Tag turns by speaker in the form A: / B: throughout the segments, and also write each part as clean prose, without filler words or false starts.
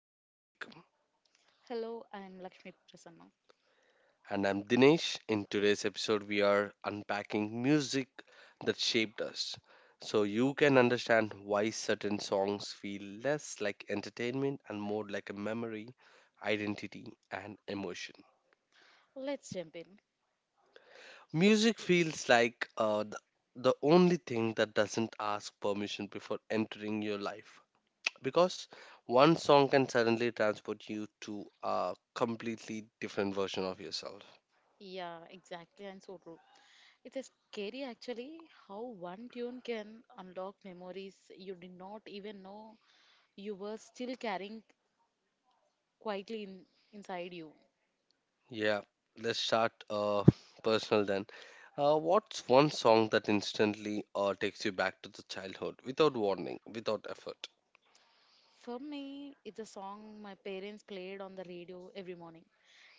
A: who we become.
B: Hello, I'm Lakshmi Prasanna.
A: And I'm Dinesh. In today's episode, we are unpacking music that shaped us so you can understand why certain songs feel less like entertainment and more like a memory, identity, and emotion.
B: Let's jump in.
A: Music feels like the only thing that doesn't ask permission before entering your life. Because one song can suddenly transport you to a completely different version of yourself.
B: Yeah, exactly, and so true. It is scary actually how one tune can unlock memories you did not even know you were still carrying quietly inside you.
A: Yeah, let's start personal then. What's one song that instantly takes you back to the childhood without warning, without effort?
B: For me, it's a song my parents played on the radio every morning.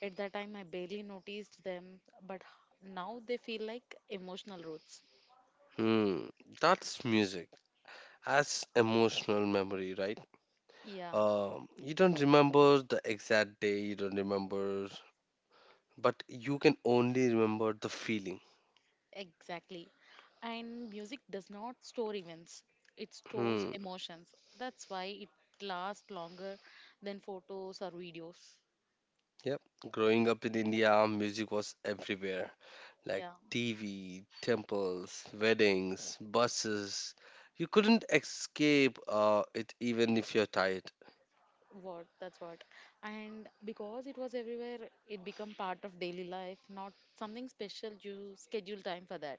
B: At that time, I barely noticed them, but now they feel like emotional roots.
A: Hmm, that's music as emotional memory, right?
B: Yeah.
A: You don't remember the exact day, you don't remember, but you can only remember the feeling.
B: Exactly. And music does not store events, it stores
A: Hmm.
B: emotions. That's why it lasts longer than photos or videos.
A: Yep. Growing up in India, music was everywhere, like
B: Yeah,
A: TV, temples, weddings, buses. You couldn't escape it even if you're tired.
B: what that's what. And because it was everywhere, it became part of daily life, not something special you schedule time for that.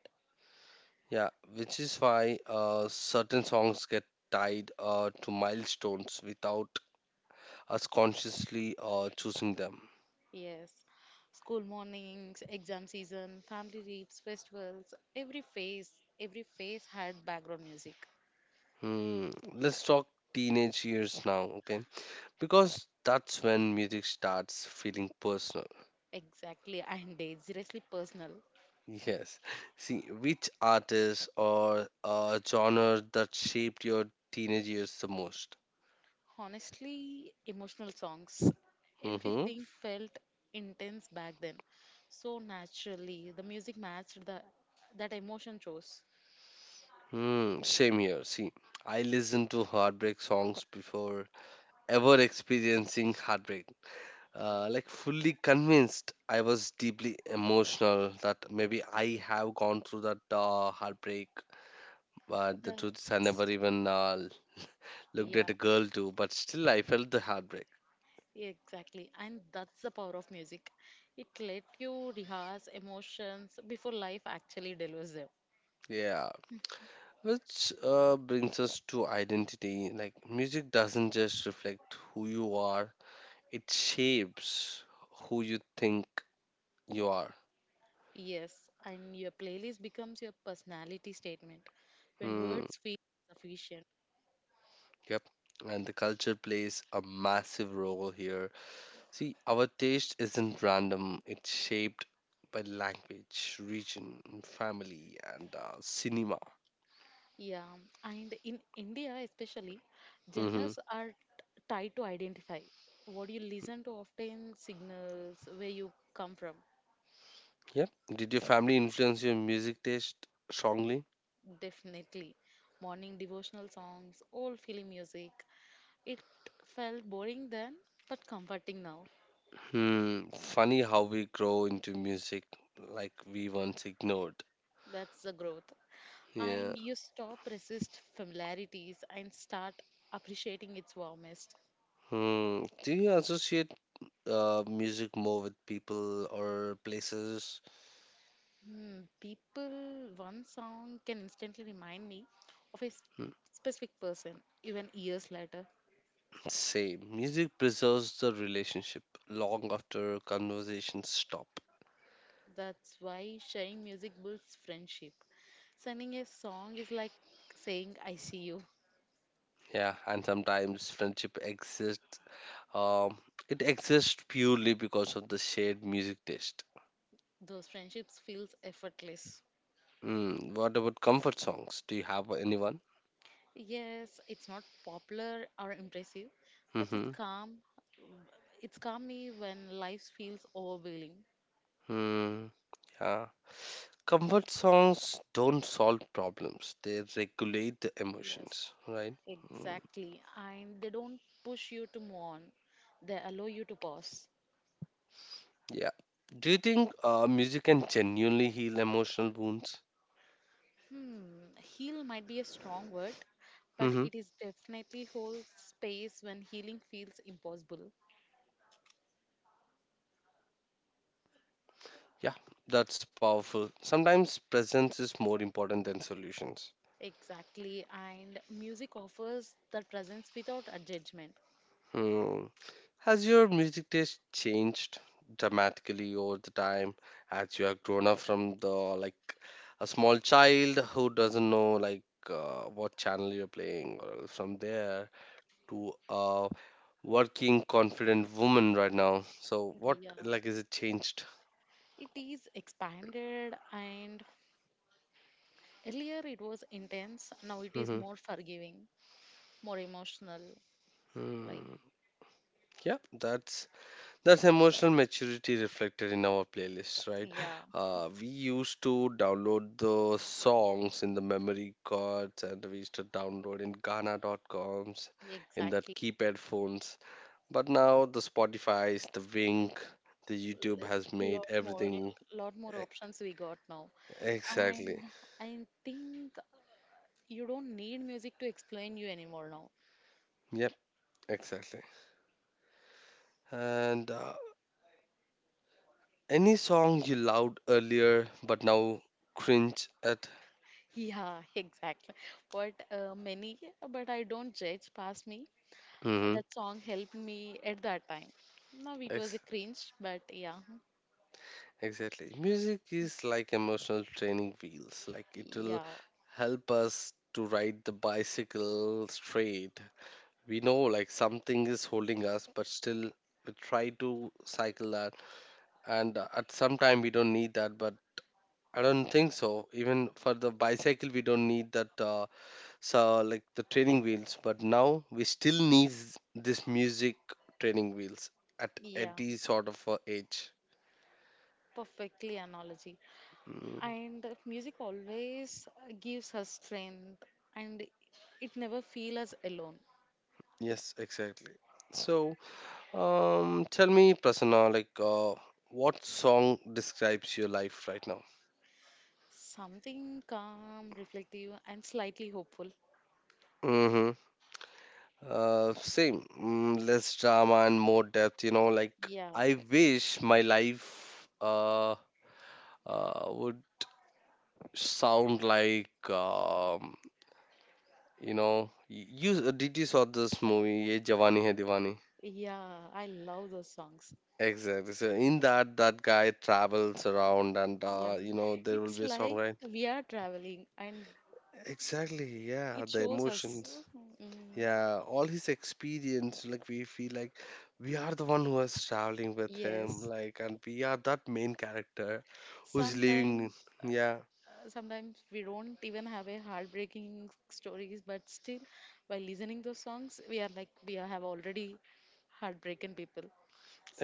A: Yeah, which is why certain songs get tied to milestones without us consciously choosing them.
B: Yes. School mornings, exam season, family trips, festivals, every phase had background music.
A: Hmm. Let's talk teenage years now, okay? Because that's when music starts feeling personal.
B: Exactly, and dangerously personal.
A: Yes. See, which artist or genre that shaped your teenage years the most?
B: Honestly, emotional songs.
A: Mm-hmm.
B: Everything felt intense back then. So naturally, the music matched the that emotion chose.
A: Hmm. Same here. See, I listened to heartbreak songs before ever experiencing heartbreak. Like fully convinced I was deeply emotional that maybe I have gone through that heartbreak. But the truth is, I
B: That's
A: never even looked
B: yeah,
A: at a girl too, but still I felt the heartbreak.
B: exactly. And that's the power of music. It let you rehearse emotions before life actually delivers them.
A: Yeah. Which brings us to identity. Like, music doesn't just reflect who you are, it shapes who you think you are.
B: Yes, and your playlist becomes your personality statement. When
A: Hmm.
B: words feel sufficient.
A: Yep. And the culture plays a massive role here. See, our taste isn't random, it's shaped by language, region, family, and cinema.
B: Yeah, and in India especially,
A: Hmm.
B: genres are tied to identify. What you listen to often signals where you come from.
A: Yep. Did your family influence your music taste strongly?
B: Definitely. Morning devotional songs, old film music. It felt boring then, but comforting now.
A: Hmm. Funny how we grow into music like we once ignored.
B: That's the growth.
A: Yeah.
B: And you stop resist familiarities and start appreciating its warmest.
A: Hmm. Do you associate music more with people or places?
B: Hmm, people, one song can instantly remind me of
A: Hmm.
B: specific person, even years later.
A: Same. Music preserves the relationship long after conversations stop.
B: That's why sharing music builds friendship. Sending a song is like saying, I see you.
A: Yeah, and sometimes friendship exists. Um, it exists purely because of the shared music taste.
B: Those friendships feels effortless.
A: Mm, what about comfort songs? Do you have anyone?
B: Yes, it's not popular or impressive, but it's
A: Mm-hmm.
B: calm. It's calm me when life feels overwhelming.
A: Mm, yeah. Comfort songs don't solve problems. They regulate the
B: Yes,
A: emotions, right? Mm,
B: exactly. And they don't push you to move on. They allow you to pause.
A: yeah. Do you think music can genuinely heal emotional wounds?
B: Hmm, heal might be a strong word, but
A: Mm-hmm.
B: it is definitely holds space when healing feels impossible.
A: Yeah, that's powerful. Sometimes presence is more important than solutions.
B: Exactly, and music offers that presence without a judgment.
A: Hmm. Has your music taste changed dramatically over the time as you have grown up from the, like, a small child who doesn't know, like, what channel you're playing, or from there to a working confident woman right now? So what,
B: Yeah,
A: like, is it changed?
B: it is expanded, and earlier it was intense, now it is
A: Hmm.
B: more forgiving, more emotional. Like,
A: Hmm. Yeah, that's emotional maturity reflected in our playlist, right?
B: yeah,
A: We used to download the songs in the memory cards and we used to download in Ghana.coms in that
B: exactly.
A: keypad phones. But now the Spotify's, the Wink, the YouTube has made
B: Lot more,
A: everything
B: lot more
A: e-
B: options we got now
A: exactly.
B: and I think you don't need music to explain you anymore now.
A: Yep, exactly. And any song you loved earlier but now cringe at.
B: Yeah, exactly. But many, but I don't judge. Past me,
A: Mm-hmm.
B: that song helped me at that time. Now it was a cringe, but yeah,
A: Exactly. Music is like emotional training wheels. Like it will
B: yeah,
A: help us to ride the bicycle straight. We know like something is holding us, but still we try to cycle that. And at some time we don't need that, but I don't think so. Even for the bicycle, we don't need that. So like the training wheels, but now we still need this music training wheels at
B: yeah.
A: any sort of age.
B: Perfectly analogy.
A: Mm,
B: And music always gives us strength, and it never feel us alone.
A: yes, exactly. So, tell me, Prasanna, like, what song describes your life right now?
B: Something calm, reflective, and slightly hopeful.
A: Mm-hmm. Same. Mm, less drama and more depth, like,
B: Yeah,
A: I wish my life, would sound like, did you saw this movie, Ye Jawani Hai Diwani?
B: yeah. I love those songs.
A: Exactly. So in that, that guy travels around, and
B: Yeah,
A: you know there will
B: it's
A: be a song,
B: like
A: right?
B: we are traveling and
A: Exactly. Yeah,
B: it
A: the
B: shows us.
A: emotions.
B: Mm,
A: Yeah, all his experience, like we feel like we are the one who is traveling with him,
B: yes,
A: like, and we are that main character who's living.
B: sometimes
A: Yeah,
B: sometimes we don't even have a heartbreaking stories, but still, by listening those songs, we are like we are- have already heartbroken people.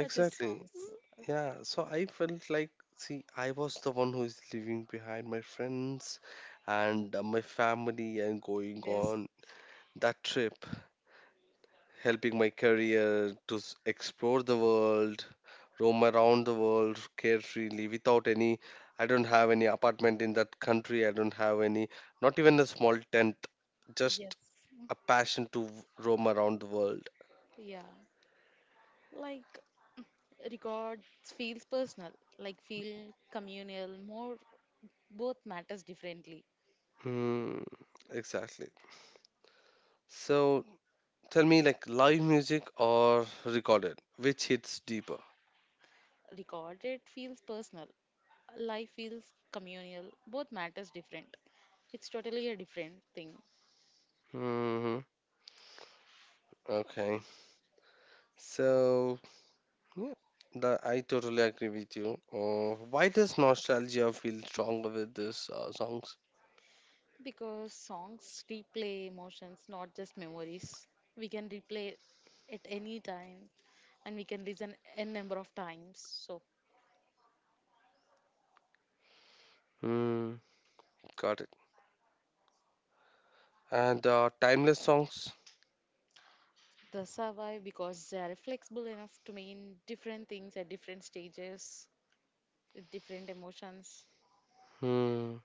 B: Such as songs.
A: Yeah, so I felt like, see, I was the one who is leaving behind my friends and my family and going
B: Yes,
A: on that trip, helping my career to explore the world, roam around the world carefreely without any. I don't have any apartment in that country. I don't have any, not even a small tent. Just
B: yes,
A: a passion to roam around the world.
B: yeah. Like records feels personal, like feel communal. More both matters differently.
A: Hmm, exactly. So tell me, like, live music or recorded, which hits deeper?
B: Recorded feels personal. Live feels communal. Both matters different. It's totally a different thing
A: Hmm. Okay. So, yeah, I totally agree with you. Why does nostalgia feel stronger with these songs?
B: because songs replay emotions, not just memories. We can replay at any time and we can listen n number of times. So
A: Hmm. Got it. And timeless songs,
B: that's how why because they are flexible enough to mean different things at different stages with different emotions
A: hmm,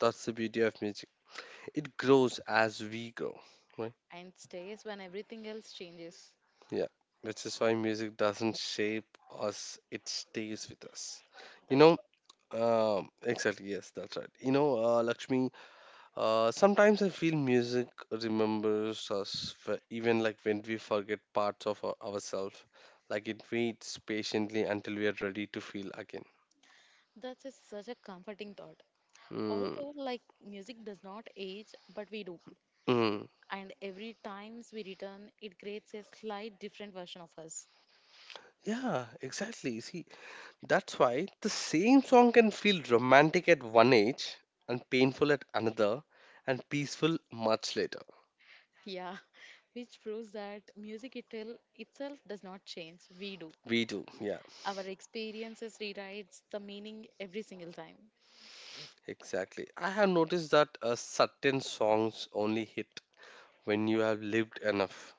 A: that's the beauty of music. It grows as we grow, right?
B: and stays when everything else changes.
A: Yeah, which is why music doesn't shape us, it stays with us. You
B: That's
A: know, exactly, yes, that's right. You know, Lakshmi, sometimes I feel music remembers us, even like when we forget parts of ourselves. Like it waits patiently until we are ready to feel again.
B: that's a, such a comforting thought.
A: Mm.
B: Although, like, music does not age, but we do.
A: Mm.
B: And every times we return, it creates a slight different version of us.
A: Yeah, exactly. See, that's why the same song can feel romantic at one age and painful at another and peaceful much later.
B: Yeah, which proves that music itself does not change. We do.
A: We do, yeah,
B: Our experiences rewrites the meaning every single time.
A: exactly. I have noticed that certain songs only hit when you have lived enough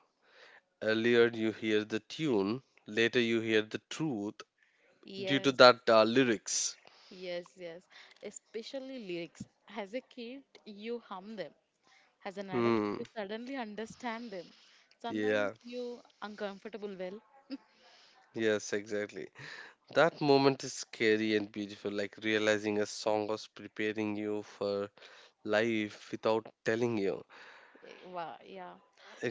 A: Earlier you hear the tune, later you hear the truth due to
B: Yes,
A: that lyrics.
B: yes, yes. Especially lyrics. As a kid, you hum them. As an adult,
A: Hmm.
B: you suddenly understand them. Sometimes
A: Yeah.
B: you uncomfortable well,
A: Yes, exactly. That moment is scary and beautiful, like realizing a song was preparing you for life without telling you.
B: wow, yeah.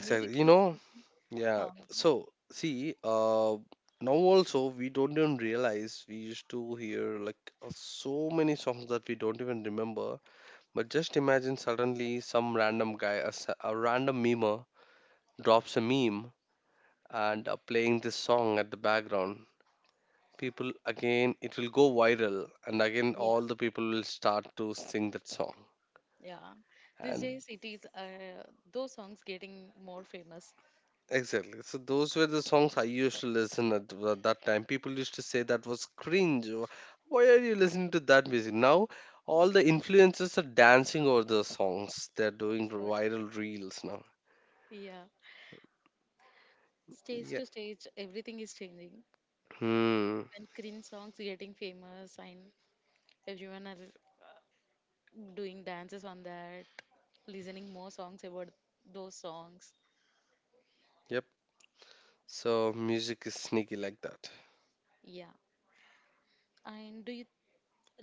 B: Music
A: You
B: is
A: know?
B: making.
A: Yeah.
B: Huh.
A: So, see, now also we don't even realize we used to hear, like, so many songs that we don't even remember. But just imagine suddenly some random guy, a random memer, drops a meme and playing this song at the background. People again, it will go viral, and again,
B: Yeah,
A: all the people will start to sing that song.
B: yeah. These
A: And
B: days it is those songs getting more famous.
A: exactly, so those were the songs I used to listen at that time. People used to say that was cringe. Why are you listening to that music? Now, all the influencers are dancing over those songs, they're doing
B: That's what.
A: viral reels now.
B: Yeah. Stage
A: Yeah.
B: to stage, everything is changing.
A: Hmm.
B: When cringe songs getting famous and everyone are doing dances on that, listening more songs about those songs.
A: Yep. So music is sneaky like that.
B: Yeah. And do you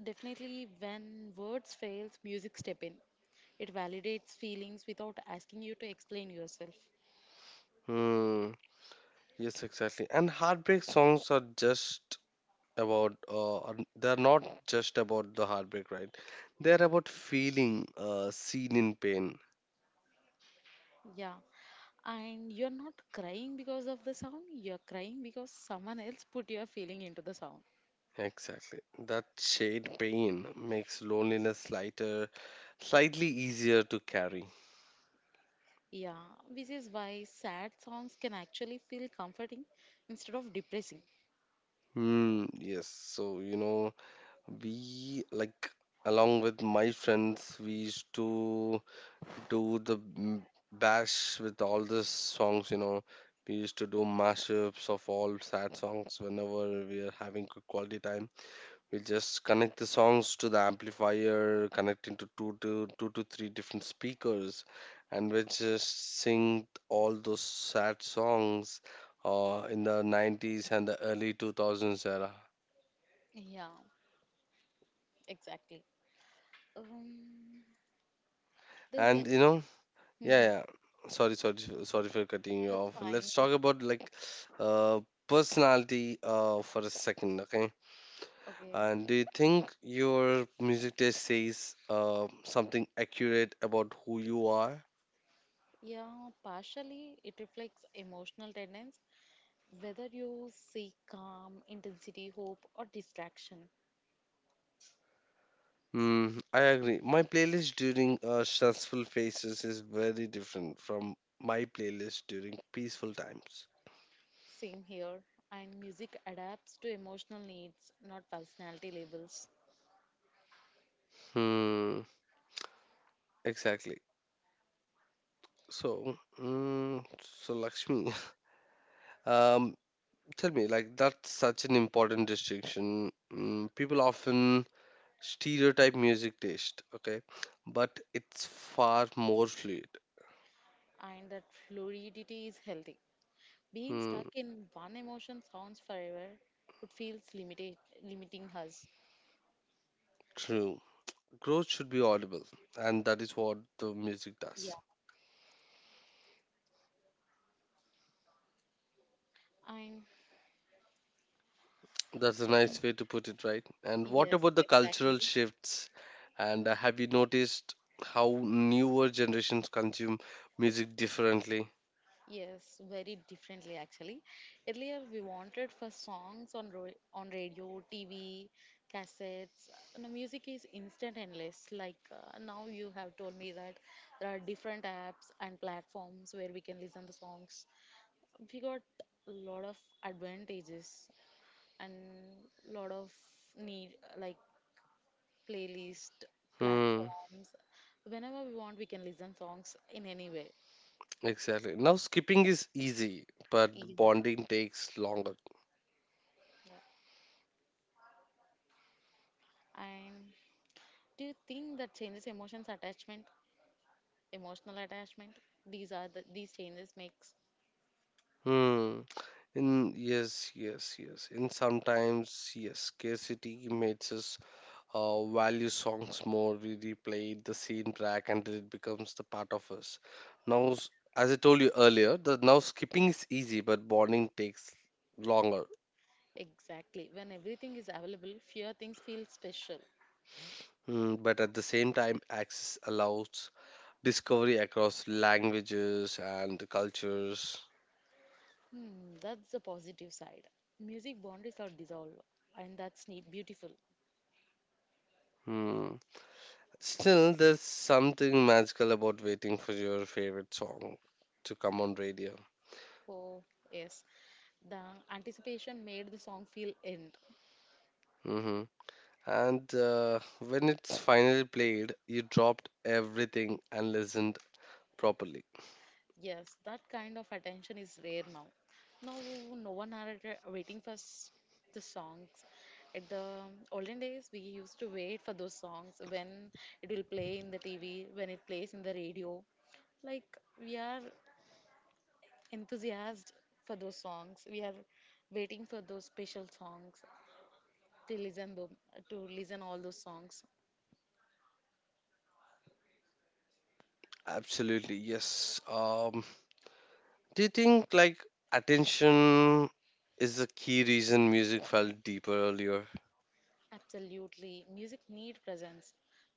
B: definitely when words fails, music step in. It validates feelings without asking you to explain yourself.
A: Hmm. Yes, exactly. And heartbreak songs are they're not just about the heartbreak, right? They're about feeling seen in pain.
B: Yeah. And you're not crying because of the sound, you're crying because someone else put your feeling into the sound.
A: Exactly. That shade pain makes loneliness lighter, slightly easier to carry.
B: Yeah, which is why sad songs can actually feel comforting instead of depressing.
A: Hmm, yes. So, we, like, along with my friends, we used to do the bash with all the songs. We used to do mashups of all sad songs whenever we are having good quality time. We just connect the songs to the amplifier, connecting to two to three different speakers, and we just sing all those sad songs in the 90s and the early 2000s era
B: Yeah, exactly. Um, there's
A: and
B: any.
A: you know Yeah,
B: Mhm.
A: yeah. Sorry, sorry, for cutting you
B: That's
A: off.
B: fine.
A: Let's
B: If,
A: talk about, like, uh personality, for a second, okay?
B: okay.
A: And do you think your music taste says something accurate about who you are?
B: Yeah, partially it reflects emotional tendencies, whether you seek calm, intensity, hope, or distraction.
A: Hmm, I agree. My playlist during stressful phases is very different from my playlist during peaceful times.
B: Same here. And music adapts to emotional needs, not personality labels.
A: Hmm, exactly. So, Lakshmi, um, Tell me, like, that's such an important distinction. Mm, people often stereotype music taste, okay? But it's far more fluid.
B: And that fluidity is healthy. Being
A: Hmm.
B: stuck in one emotion sounds forever. It feels limited, limiting us.
A: True. Growth should be audible, and that is what the
B: Yeah.
A: music does.
B: And
A: That's a
B: the gen-
A: nice way to put it, right? And what
B: yes,
A: about the cultural
B: exactly.
A: shifts? And have you noticed how newer generations consume music differently?
B: Yes, very differently actually. Earlier we wanted for songs on ro on radio, TV, cassettes. You know, music is instant endless. Like now you have told me that there are different apps and platforms where we can listen the songs. We got a lot of advantages and lot of need like playlist
A: Hmm,
B: platforms. Whenever we want, we can listen songs in any way.
A: exactly. Now, skipping is easy, but
B: Yeah.
A: bonding takes longer.
B: Yeah. And do you think that changes emotions attachment, emotional attachment? These are the these changes makes
A: Hmm. In, yes, yes, yes. And sometimes yes, scarcity makes us value songs more. We replay the same track until it becomes the part of us. Now, as I told you earlier, the now skipping is easy, but bonding takes longer.
B: exactly when everything is available, fewer things feel special.
A: Mm, but at the same time, access allows discovery across languages and cultures.
B: Hmm, that's the positive side. Music boundaries are dissolved, and that's neat, beautiful.
A: Hmm. Still, there's something magical about waiting for your favorite song to come on radio.
B: Oh yes, the anticipation made the song feel end.
A: Hmm. And when it's finally played, you dropped everything and listened properly.
B: Yes, that kind of attention is rare now. Now, no one are waiting for the songs. At the olden days, we used to wait for those songs when it will play in the TV, when it plays in the radio. Like, we are enthusiastic for those songs. We are waiting for those special songs to listen them, to listen all those songs.
A: Absolutely, yes. Do you think, like, attention is the key reason music felt deeper earlier?
B: Absolutely. Music need presence.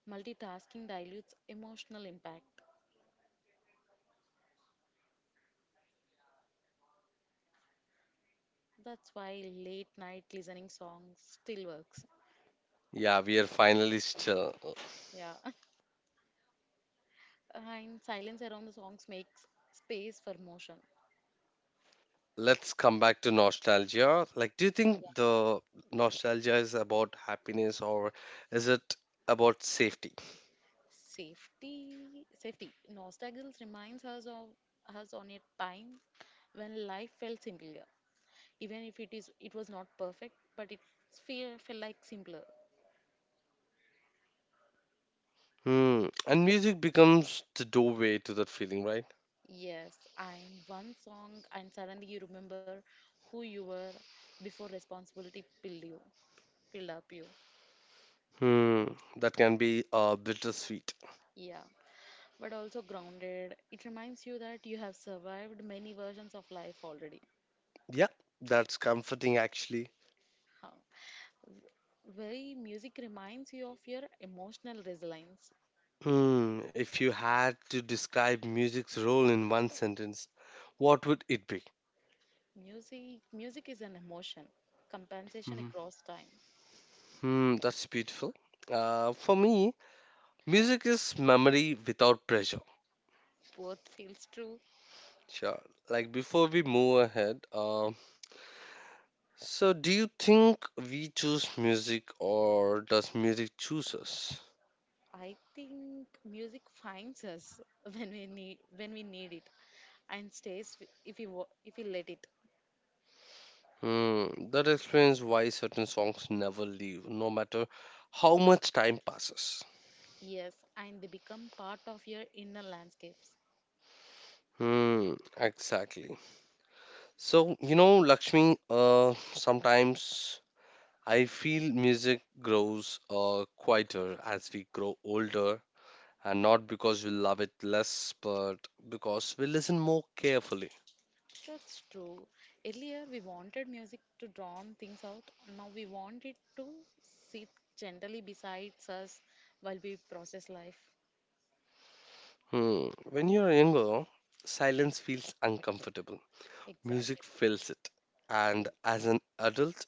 B: Multitasking dilutes emotional impact. That's why late night listening songs still works.
A: Yeah, we are finally still.
B: Yeah. And silence around the songs makes space for motion.
A: Let's come back to nostalgia. Like, do you think
B: Yeah.
A: the nostalgia is about happiness or is it about safety?
B: Safety safety. Nostalgia reminds us of us on a time when life felt simpler. Even if it is it was not perfect, but it feel felt like simpler.
A: Hmm. And music becomes the doorway to that feeling, right?
B: Yes, and one song and suddenly you remember who you were before responsibility build you build up you.
A: Hmm. That can be bittersweet.
B: Yeah, but also grounded. It reminds you that you have survived many versions of life already.
A: Yeah, that's comforting actually.
B: Huh. Very music reminds you of your emotional resilience.
A: Hmm. If you had to describe music's role in one sentence, what would it be?
B: Music is an emotion, compensation
A: Hmm.
B: across time.
A: Hmm. That's beautiful. For me, music is memory without pressure.
B: Both feels true.
A: Sure. Like, before we move ahead, so do you think we choose music or does music choose us?
B: I think music finds us when we need it, and stays if we if we let it.
A: Hmm, that explains why certain songs never leave, no matter how much time passes.
B: Yes, and they become part of your inner landscapes.
A: Hmm, exactly. So, Lakshmi, sometimes I feel music grows quieter as we grow older, and not because we love it less, but because we listen more carefully.
B: That's true. Earlier, we wanted music to drown things out. Now, we want it to sit gently beside us while we process life.
A: Hmm. When you're younger, silence feels uncomfortable. Music
B: Exactly.
A: fills it. And as an adult,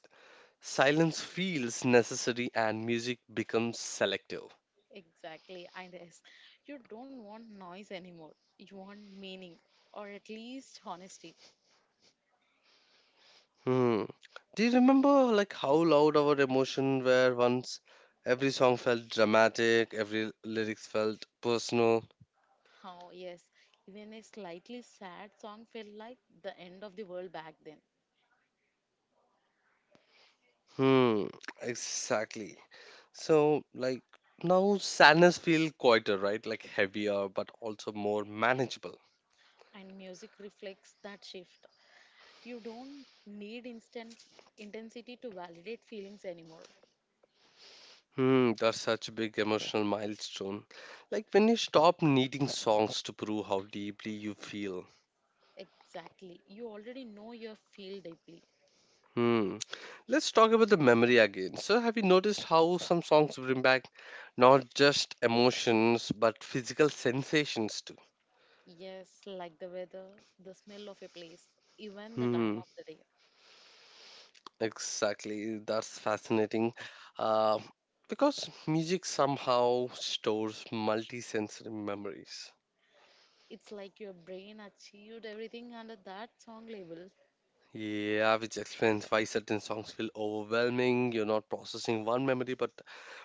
A: silence feels necessary and music becomes selective.
B: Exactly. And yes, you don't want noise anymore. You want meaning, or at least honesty.
A: Hmm. Do you remember like how loud our emotion were once? Every song felt dramatic, every lyrics felt personal.
B: How, yes, even a slightly sad song felt like the end of the world back then.
A: Hmm, exactly. So like now sadness feel quieter, right? Like heavier but also more manageable.
B: And music reflects that shift. You don't need instant intensity to validate feelings anymore.
A: Hmm, that's such a big emotional milestone. Like when you stop needing songs to prove how deeply you feel.
B: Exactly. You already know your feel deeply.
A: Hmm. Let's talk about the memory again. So, have you noticed how some songs bring back not just emotions but physical sensations too?
B: Yes, like the weather, the smell of a place, even the time
A: Hmm.
B: of the day.
A: Exactly. That's fascinating. Uh, because music somehow stores multisensory memories.
B: It's like your brain achieved everything under that song label.
A: Yeah, which explains why certain songs feel overwhelming. You're not processing one memory, but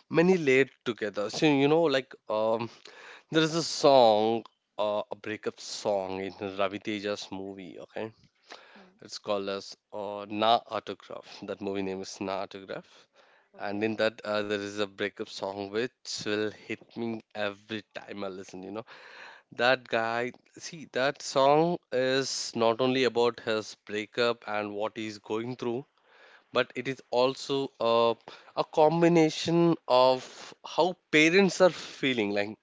A: many layered together. So, there is a song, a breakup song in Ravi Teja's movie. Okay,
B: Hmm.
A: it's called as Na Autograph. That movie name is Na Autograph. And
B: Okay.
A: in that, there is a breakup song which will hit me every time I listen. You know, that guy, see, that song is not only about his breakup and what he's going through, but it is also a combination of how parents are feeling like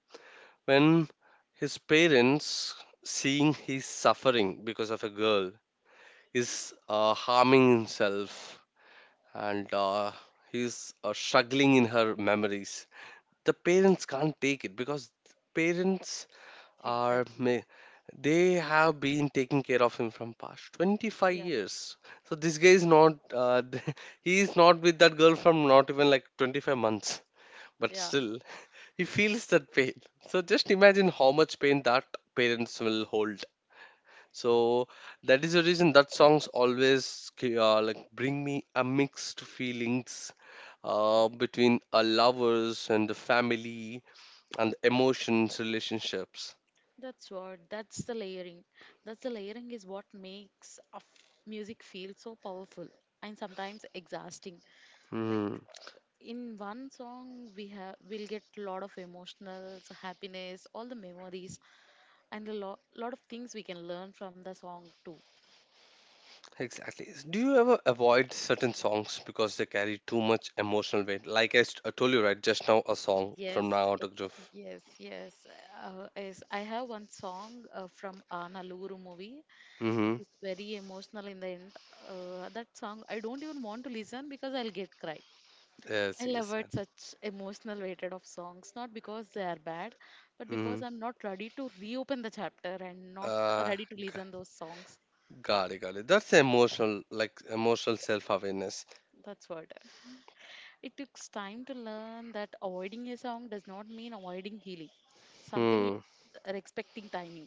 A: when his parents seeing he's suffering because of a girl is harming himself and he's struggling in her memories, the parents can't take it because parents are
B: Exactly.
A: ma- they have been taking care of him from past 25
B: Yeah.
A: years, so this guy is not he is not with that girl from not even like 25 months, but
B: Yeah.
A: still he feels that pain. So just imagine how much pain that parents will hold. So that is the reason that songs always like bring me a mixed feelings, between a lovers and the family and emotions relationships.
B: That's what. That's the layering. That's the layering is what makes music feel so powerful and sometimes exhausting. Like
A: Hmm,
B: in one song we have we'll get a lot of emotionals happiness all the memories and a lot of things we can learn from the song too
A: exactly. Do you ever avoid certain songs because they carry too much emotional weight? Like I told you right just now, a song
B: yes
A: from now autograph.
B: yes yes yes I have one song from naluru movie which
A: Mm-hmm.
B: is very emotional in the end that song I don't even want to listen because I'll get cry.
A: Yes,
B: I love
A: yes.
B: it such emotional weighted of songs, not because they are bad, but
A: Mm-hmm.
B: because I'm not ready to reopen the chapter and not
A: Uh,
B: ready to
A: g-
B: listen those songs.
A: got it, got it. That's emotional, like emotional self-awareness.
B: That's what. It takes time to learn that avoiding a song does not mean avoiding healing. Something is
A: Hmm.
B: respecting timing.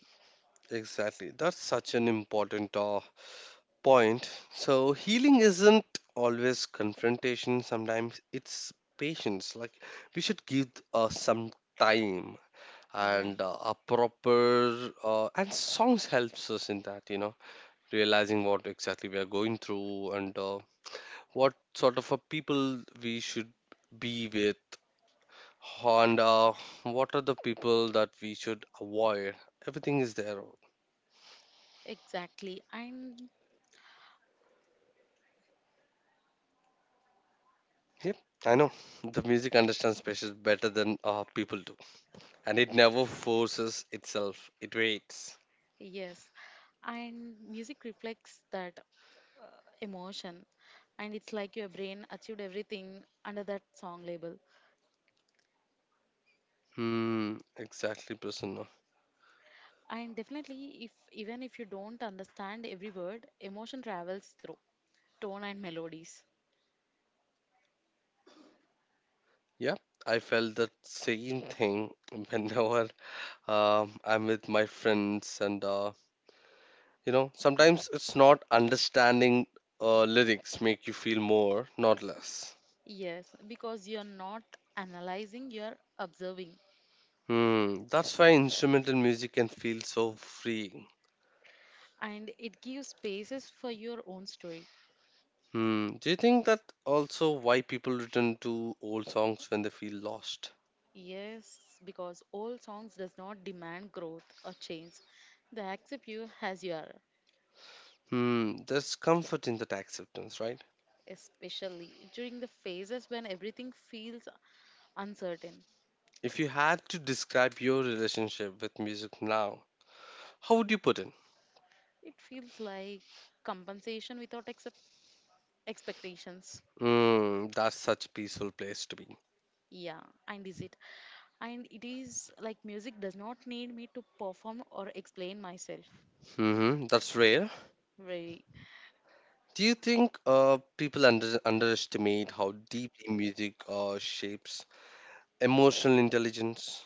A: Exactly. That's such an important point. So, healing isn't always confrontation, sometimes it's patience. Like, we should give some time
B: Yeah,
A: and a proper and songs helps us in that, you know, realizing what exactly we are going through and what sort of a people we should be with and what are the people that we should avoid, everything is there.
B: exactly. And
A: Yep, I know. The music understands spaces better than people do, and it never forces itself. It waits.
B: yes, and music reflects that emotion, and it's like your brain achieved everything under that song label.
A: Hmm, exactly, Prasanna.
B: And definitely, if even if you don't understand every word, emotion travels through tone and melodies.
A: Yeah, I felt that same thing whenever I'm with my friends, and you know, sometimes it's not understanding lyrics make you feel more, not less.
B: Yes, because you're not analyzing, you're observing.
A: Hmm, that's why instrumental music can feel so free.
B: And it gives spaces for your own story.
A: Hmm. Do you think that also why people return to old songs when they feel lost?
B: Yes, because old songs does not demand growth or change. They accept you as you are,
A: Hmm. There's comfort in that acceptance, right?
B: especially during the phases when everything feels uncertain.
A: If you had to describe your relationship with music now, how would you put it?
B: It feels like compensation without accept expectations.
A: Hmm. That's such a peaceful place to be.
B: Yeah, and is it? And it is like music does not need me to perform or explain myself.
A: Hmm. That's rare.
B: Very
A: Do you think people underestimate how deeply music shapes emotional intelligence?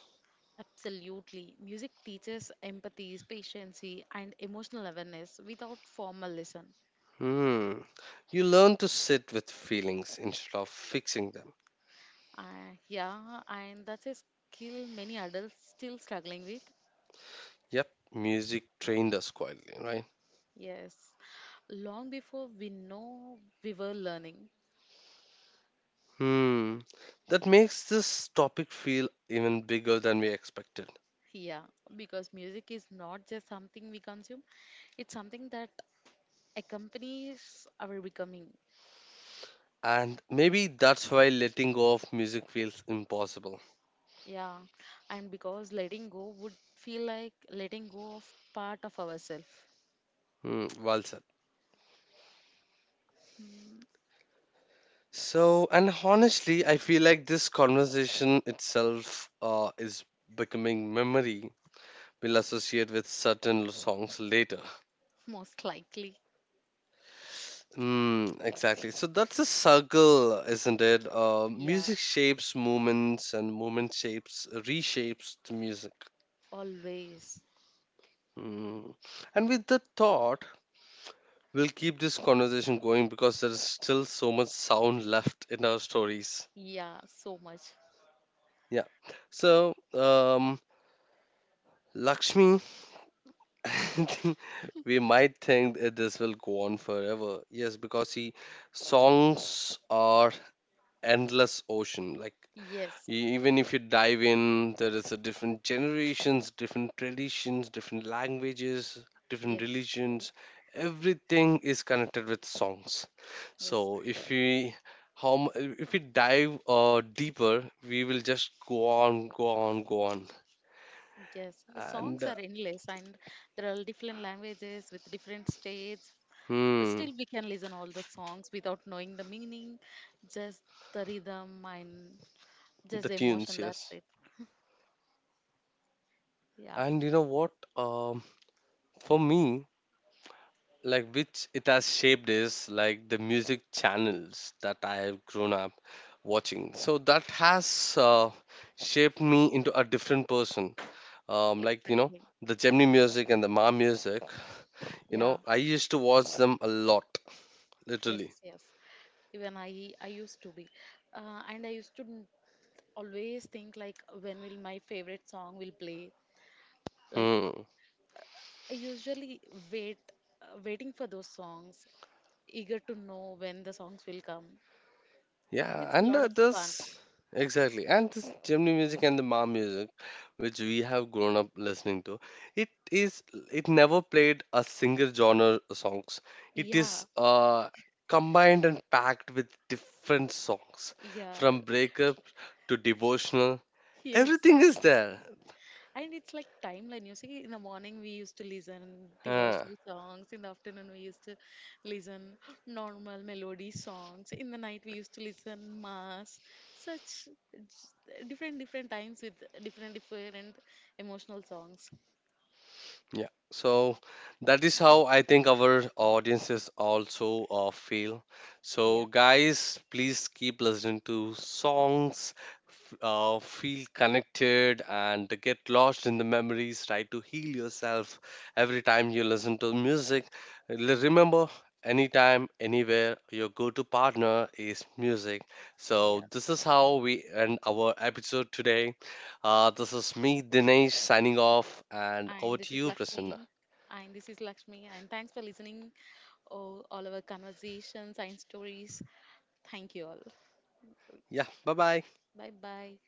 B: absolutely. Music teaches empathy, patience, and emotional awareness without formal lesson.
A: Hmm. You learn to sit with feelings instead of fixing them.
B: Yeah, and that's a skill many adults still struggling with.
A: Yep, music trained us quietly, right?
B: Yes, long before we know we were learning.
A: Hmm, that makes this topic feel even bigger than we expected.
B: Yeah, because music is not just something we consume, it's something that accompanies our becoming.
A: And maybe that's why letting go of music feels impossible.
B: Yeah, and because letting go would feel like letting go of part of ourselves,
A: Hmm, well said. So, and honestly, I feel like this conversation itself is becoming memory we'll associate with certain songs later.
B: most likely.
A: Mm, exactly. So that's a circle, isn't it?
B: Yeah,
A: Music shapes movements, and movement shapes reshapes the music.
B: always.
A: Mm. And with that thought, we'll keep this conversation going because there is still so much sound left in our stories.
B: Yeah, so much.
A: Yeah. So, Lakshmi, I think we might think that this will go on forever. Yes, because see, songs are endless ocean. Like
B: Yes,
A: Even if you dive, in there is a different generations, different traditions, different languages, different
B: yes,
A: religions, everything is connected with songs.
B: yes,
A: So if we dive deeper, we will just go on, go on, go on.
B: yes. The songs are
A: And
B: endless, and there are different languages with different states. But
A: hmm
B: still, we can listen all the songs without knowing the meaning, just the rhythm and just
A: The
B: the
A: tunes,
B: emotion. That's
A: yes.
B: it. Yeah,
A: And you know what? um for me, like, which it has shaped is like the music channels that I have grown up watching, so that has shaped me into a different person. Like, you know,
B: exactly.
A: the Gemini music and the Ma music, you
B: Yeah,
A: know, I used to watch them a lot
B: yes,
A: literally.
B: yes. Even I I used to be and I used to always think like when will my favorite song will play like
A: Hmm.
B: I usually wait waiting for those songs eager to know when the songs will come.
A: Yeah,
B: It's a
A: and
B: lot of fun.
A: this exactly, and this Gemini music and the Ma music, which we have grown up listening to, it is it never played a single genre songs. It
B: Yeah,
A: is combined and packed with different songs,
B: yeah.
A: from breakup to devotional.
B: Yes.
A: Everything is there.
B: And it's like timeline. You see, in the morning we used to listen
A: Huh.
B: devotional songs. In the afternoon we used to listen normal melody songs. In the night we used to listen mass. Such different different times with different different emotional songs.
A: Yeah, so that is how I think our audiences also feel. So,
B: Yeah.
A: guys, please keep listening to songs, feel connected, and get lost in the memories. Try to heal yourself every time you listen to music. Remember, anytime, anywhere, your go to partner is music. So, this is how we end our episode today. This is me, Dinesh, signing off, and over
B: And this
A: to
B: is
A: you, Prasanna.
B: Lakshmi. And this is Lakshmi. And thanks for listening. Oh, all our conversations and stories. Thank you all.
A: Yeah, bye bye.
B: Bye bye.